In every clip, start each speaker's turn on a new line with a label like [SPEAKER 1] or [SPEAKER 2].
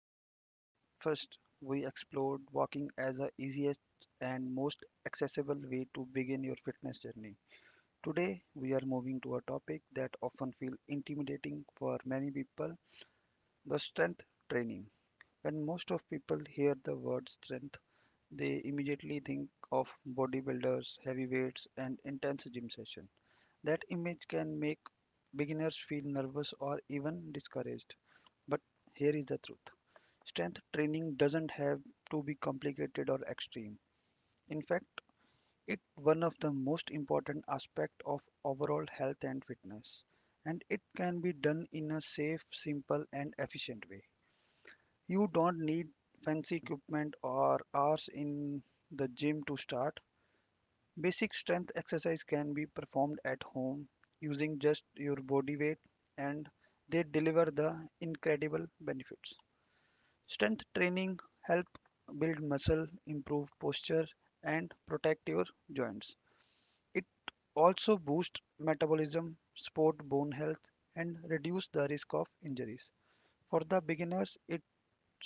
[SPEAKER 1] In episode first, we explored walking as the easiest and most accessible way to begin your fitness journey. Today, we are moving to a topic that often feels intimidating for many people, the strength training. When most of people hear the word strength, they immediately think of bodybuilders, heavy weights, and intense gym sessions. That image can make beginners feel nervous or even discouraged. But here is the truth: strength training doesn't have to be complicated or extreme. In fact, it's one of the most important aspects of overall health and fitness, and it can be done in a safe, simple, and efficient way. You don't need fancy equipment or hours in the gym to start. Basic strength exercise can be performed at home using just your body weight, and they deliver the incredible benefits. Strength training help build muscle, improve posture and protect your joints. It also boosts metabolism, support bone health and reduce the risk of injuries. For the beginners, it's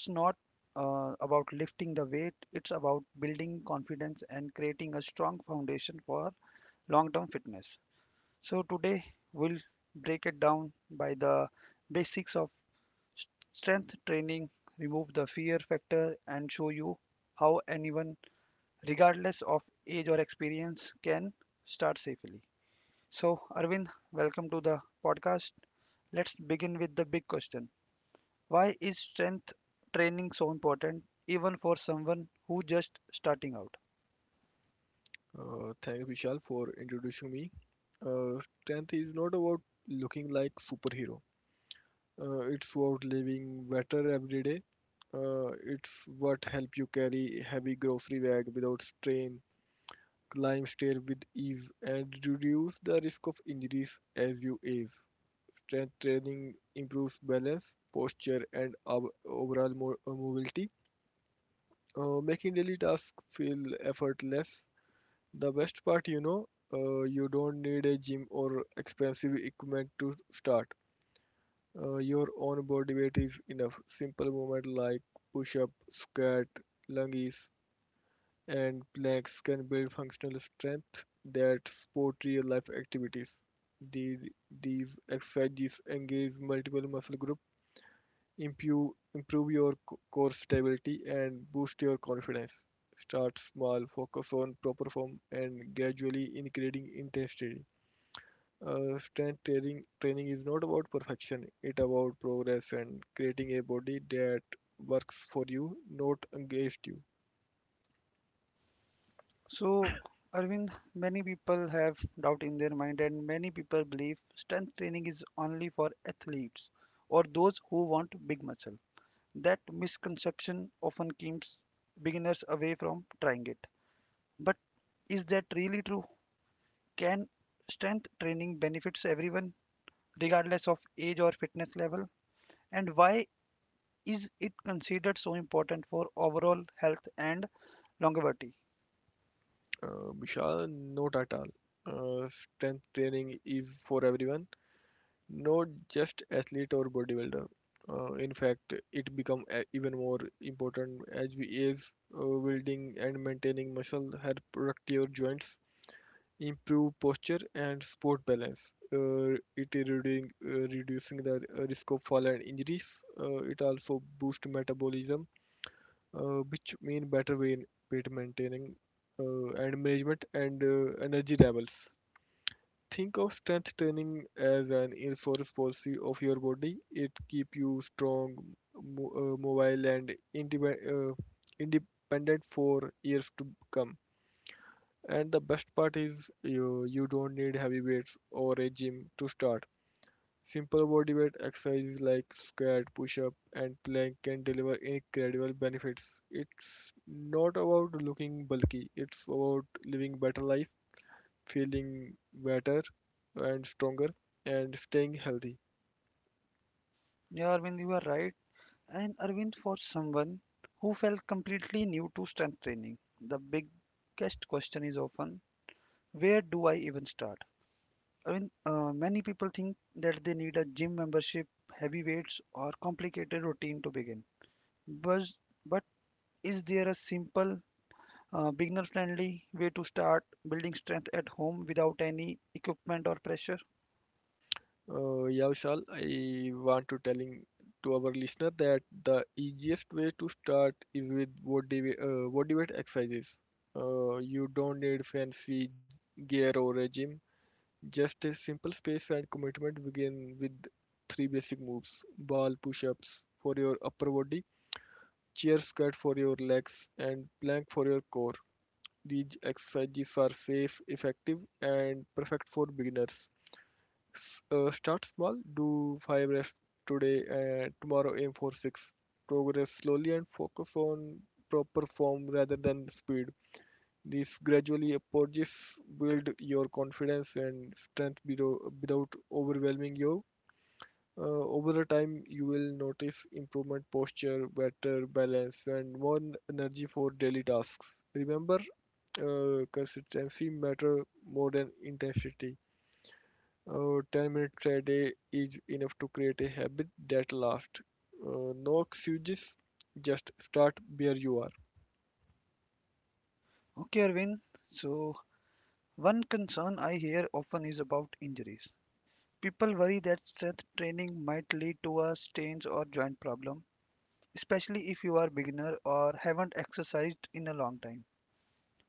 [SPEAKER 1] not about lifting the weight, it's about building confidence and creating a strong foundation for long term fitness. So, today we'll break it down by the basics of strength training, remove the fear factor, and show you how anyone, regardless of age or experience, can start safely. So, Arvind, welcome to the podcast. Let's begin with the big question: Why is strength training so important, even for someone who just starting out?
[SPEAKER 2] Thanks, Vishal, for introducing me. Strength is not about looking like superhero. It's about living better every day. It's what help you carry heavy grocery bag without strain, climb stairs with ease, and reduce the risk of injuries as you age. Strength training improves balance, posture, and overall mobility, making daily tasks feel effortless. The best part, you don't need a gym or expensive equipment to start. Your own body weight is enough. Simple movement like push up, squat, lunges, and planks can build functional strength that support real life activities. The, these exercises engage multiple muscle groups, improve your core stability, and boost your confidence. Start small, focus on proper form, and gradually increasing intensity. Strength training is not about perfection, it about progress and creating a body that works for you, not against you.
[SPEAKER 1] So, Arvind, many people have doubt in their mind, and many people believe strength training is only for athletes or those who want big muscle. That misconception often keeps beginners away from trying it. But is that really true? Can strength training benefits everyone, regardless of age or fitness level? And why is it considered so important for overall health and longevity?
[SPEAKER 2] Vishal, not at all. Strength training is for everyone, not just athlete or bodybuilder. In fact, it become even more important as we age. Building and maintaining muscle help protect your joints, improve posture, and sport balance. It is reducing, reducing the risk of fall and injuries. It also boosts metabolism, which mean better weight maintaining and management, and energy levels. Think of strength training as an insurance policy of your body. It keep you strong, mobile, and independent, independent for years to come. And the best part is you don't need heavy weights or a gym to start. Simple body weight exercises like squat, push-up, and plank can deliver incredible benefits. It's not about looking bulky; it's about living better life, feeling better and stronger and staying healthy.
[SPEAKER 1] Yeah, Arvind, you are right. And Arvind, for someone who felt completely new to strength training, the biggest question is often, where do I even start? Arvind, many people think that they need a gym membership, heavy weights, or complicated routine to begin. But, but is there a simple, beginner friendly way to start building strength at home without any equipment or pressure?
[SPEAKER 2] Yeah, Vishal, I want to telling to our listener that the easiest way to start is with body weight exercises. You don't need fancy gear or a gym. Just a simple space and commitment. Begin with three basic moves: ball push-ups for your upper body, chair squat for your legs, and plank for your core. These exercises are safe, effective, and perfect for beginners. Start small, do 5 reps today and tomorrow aim for 6. Progress slowly and focus on proper form rather than speed. These gradually approaches build your confidence and strength below, without overwhelming you. Over the time, you will notice improvement posture, better balance, and more energy for daily tasks. Remember, consistency matter more than intensity. 10 minutes a day is enough to create a habit that lasts. No excuses, just start where you are.
[SPEAKER 1] Okay, Arvind, so one concern I hear often is about injuries. People worry that strength training might lead to a strains or joint problem, especially if you are beginner or haven't exercised in a long time.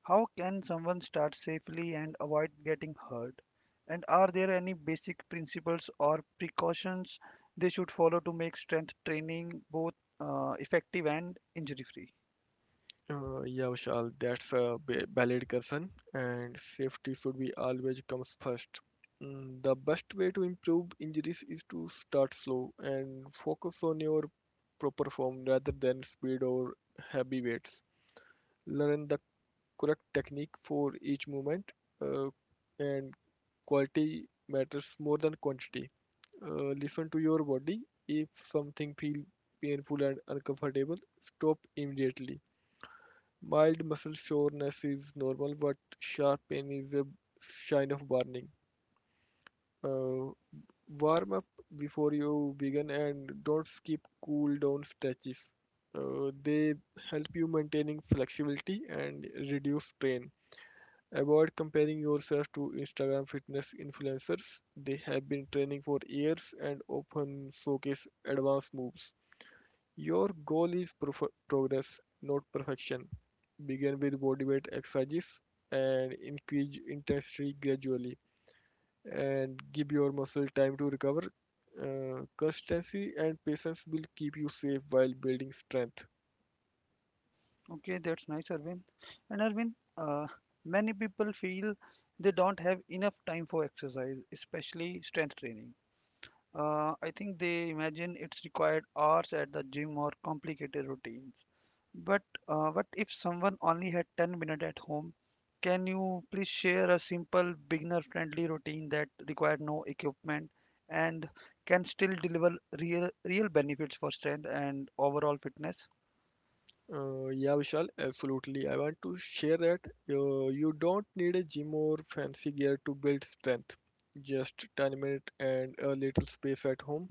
[SPEAKER 1] How can someone start safely and avoid getting hurt? And are there any basic principles or precautions they should follow to make strength training both effective and injury free?
[SPEAKER 2] Yeah, Vishal, that's a valid concern, and safety should be always comes first. The best way to improve injuries is to start slow and focus on your proper form rather than speed or heavy weights. Learn the correct technique for each movement, uh, and quality matters more than quantity. Listen to your body. If something feels painful and uncomfortable, stop immediately. Mild muscle soreness is normal, but sharp pain is a sign of burning. Uh, Warm up before you begin and don't skip cool down stretches. They help you maintaining flexibility and reduce strain. Avoid comparing yourself to Instagram fitness influencers. They have been training for years and often showcase advanced moves. Your goal is progress, not perfection. Begin with bodyweight exercises and increase intensity gradually, and give your muscle time to recover. Consistency and patience will keep you safe while building strength.
[SPEAKER 1] Okay, that's nice, Arvind. And Arvind, many people feel they don't have enough time for exercise, especially strength training. I think they imagine it's required hours at the gym or complicated routines. But what if someone only had 10 minutes at home? Can you please share a simple beginner-friendly routine that requires no equipment and can still deliver real benefits for strength and overall fitness?
[SPEAKER 2] Yeah, Vishal, absolutely. I want to share that you don't need a gym or fancy gear to build strength. Just 10 minutes and a little space at home.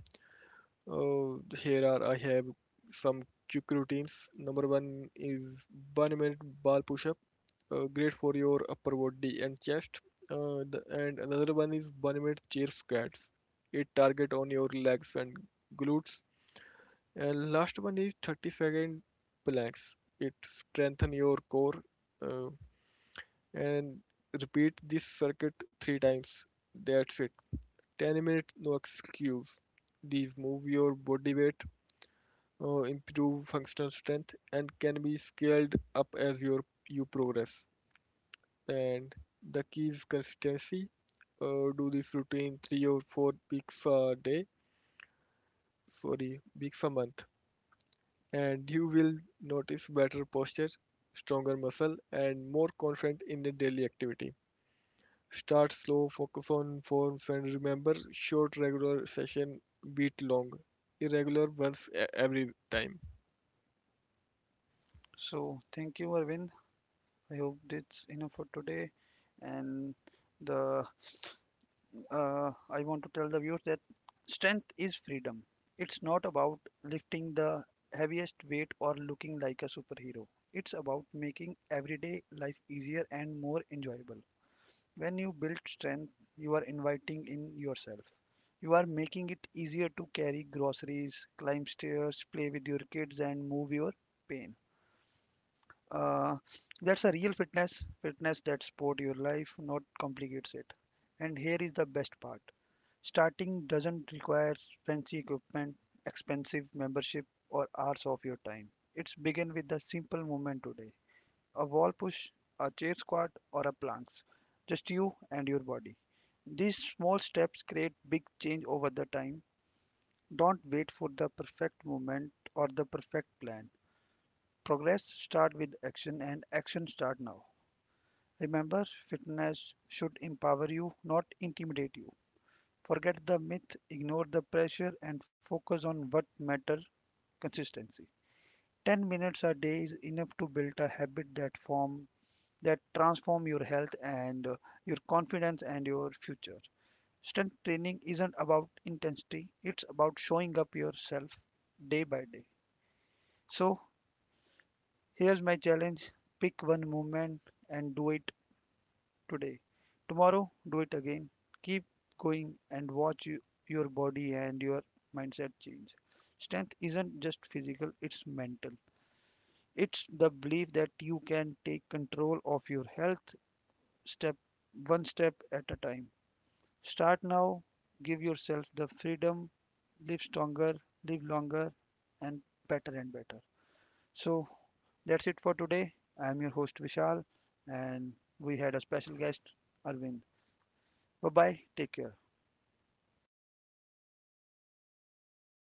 [SPEAKER 2] Here are I have some quick routines. Number one is 1 minute bar push up, great for your upper body and chest. And another one is 1 minute chair squats. It target on your legs and glutes. And last one is 30-second planks. It strengthen your core, uh, and repeat this circuit three times. That's it. 10 minutes, no excuse. These move your body weight, improve functional strength, and can be scaled up as you progress. And the key is consistency. Do this routine 3 or 4 weeks a day. Sorry, weeks a month. And you will notice better posture, stronger muscle, and more confident in the daily activity. Start slow, focus on forms, and remember short regular session beat long irregular ones every time.
[SPEAKER 1] So thank you, Arvind. I hope that's enough for today, and the I want to tell the viewers that strength is freedom. It's not about lifting the heaviest weight or looking like a superhero. It's about making everyday life easier and more enjoyable. When you build strength, you are inviting in yourself. You are making it easier to carry groceries, climb stairs, play with your kids, and move your pain. Uh, that's a real fitness that supports your life, not complicates it. And here is the best part. Starting doesn't require fancy equipment, expensive membership, or hours of your time. It's begin with the simple movement today. A wall push, a chair squat, or a planks. Just you and your body. These small steps create big change over the time. Don't wait for the perfect moment or the perfect plan. Progress start with action and action start now. Remember, fitness should empower you, not intimidate you. Forget the myth, ignore the pressure, and focus on what matters: consistency. 10 minutes a day is enough to build a habit that form that transform your health and your confidence and your future. Strength training isn't about intensity, it's about showing up yourself day by day. So, here's my challenge: pick one movement and do it today. Tomorrow, do it again. Keep going and watch your body and your mindset change. Strength isn't just physical, it's mental. It's the belief that you can take control of your health, step one step at a time. Start now, give yourself the freedom, live stronger, live longer and better and better. So that's it for today. I am your host Vishal and we had a special guest Arvind. Bye bye. Take care.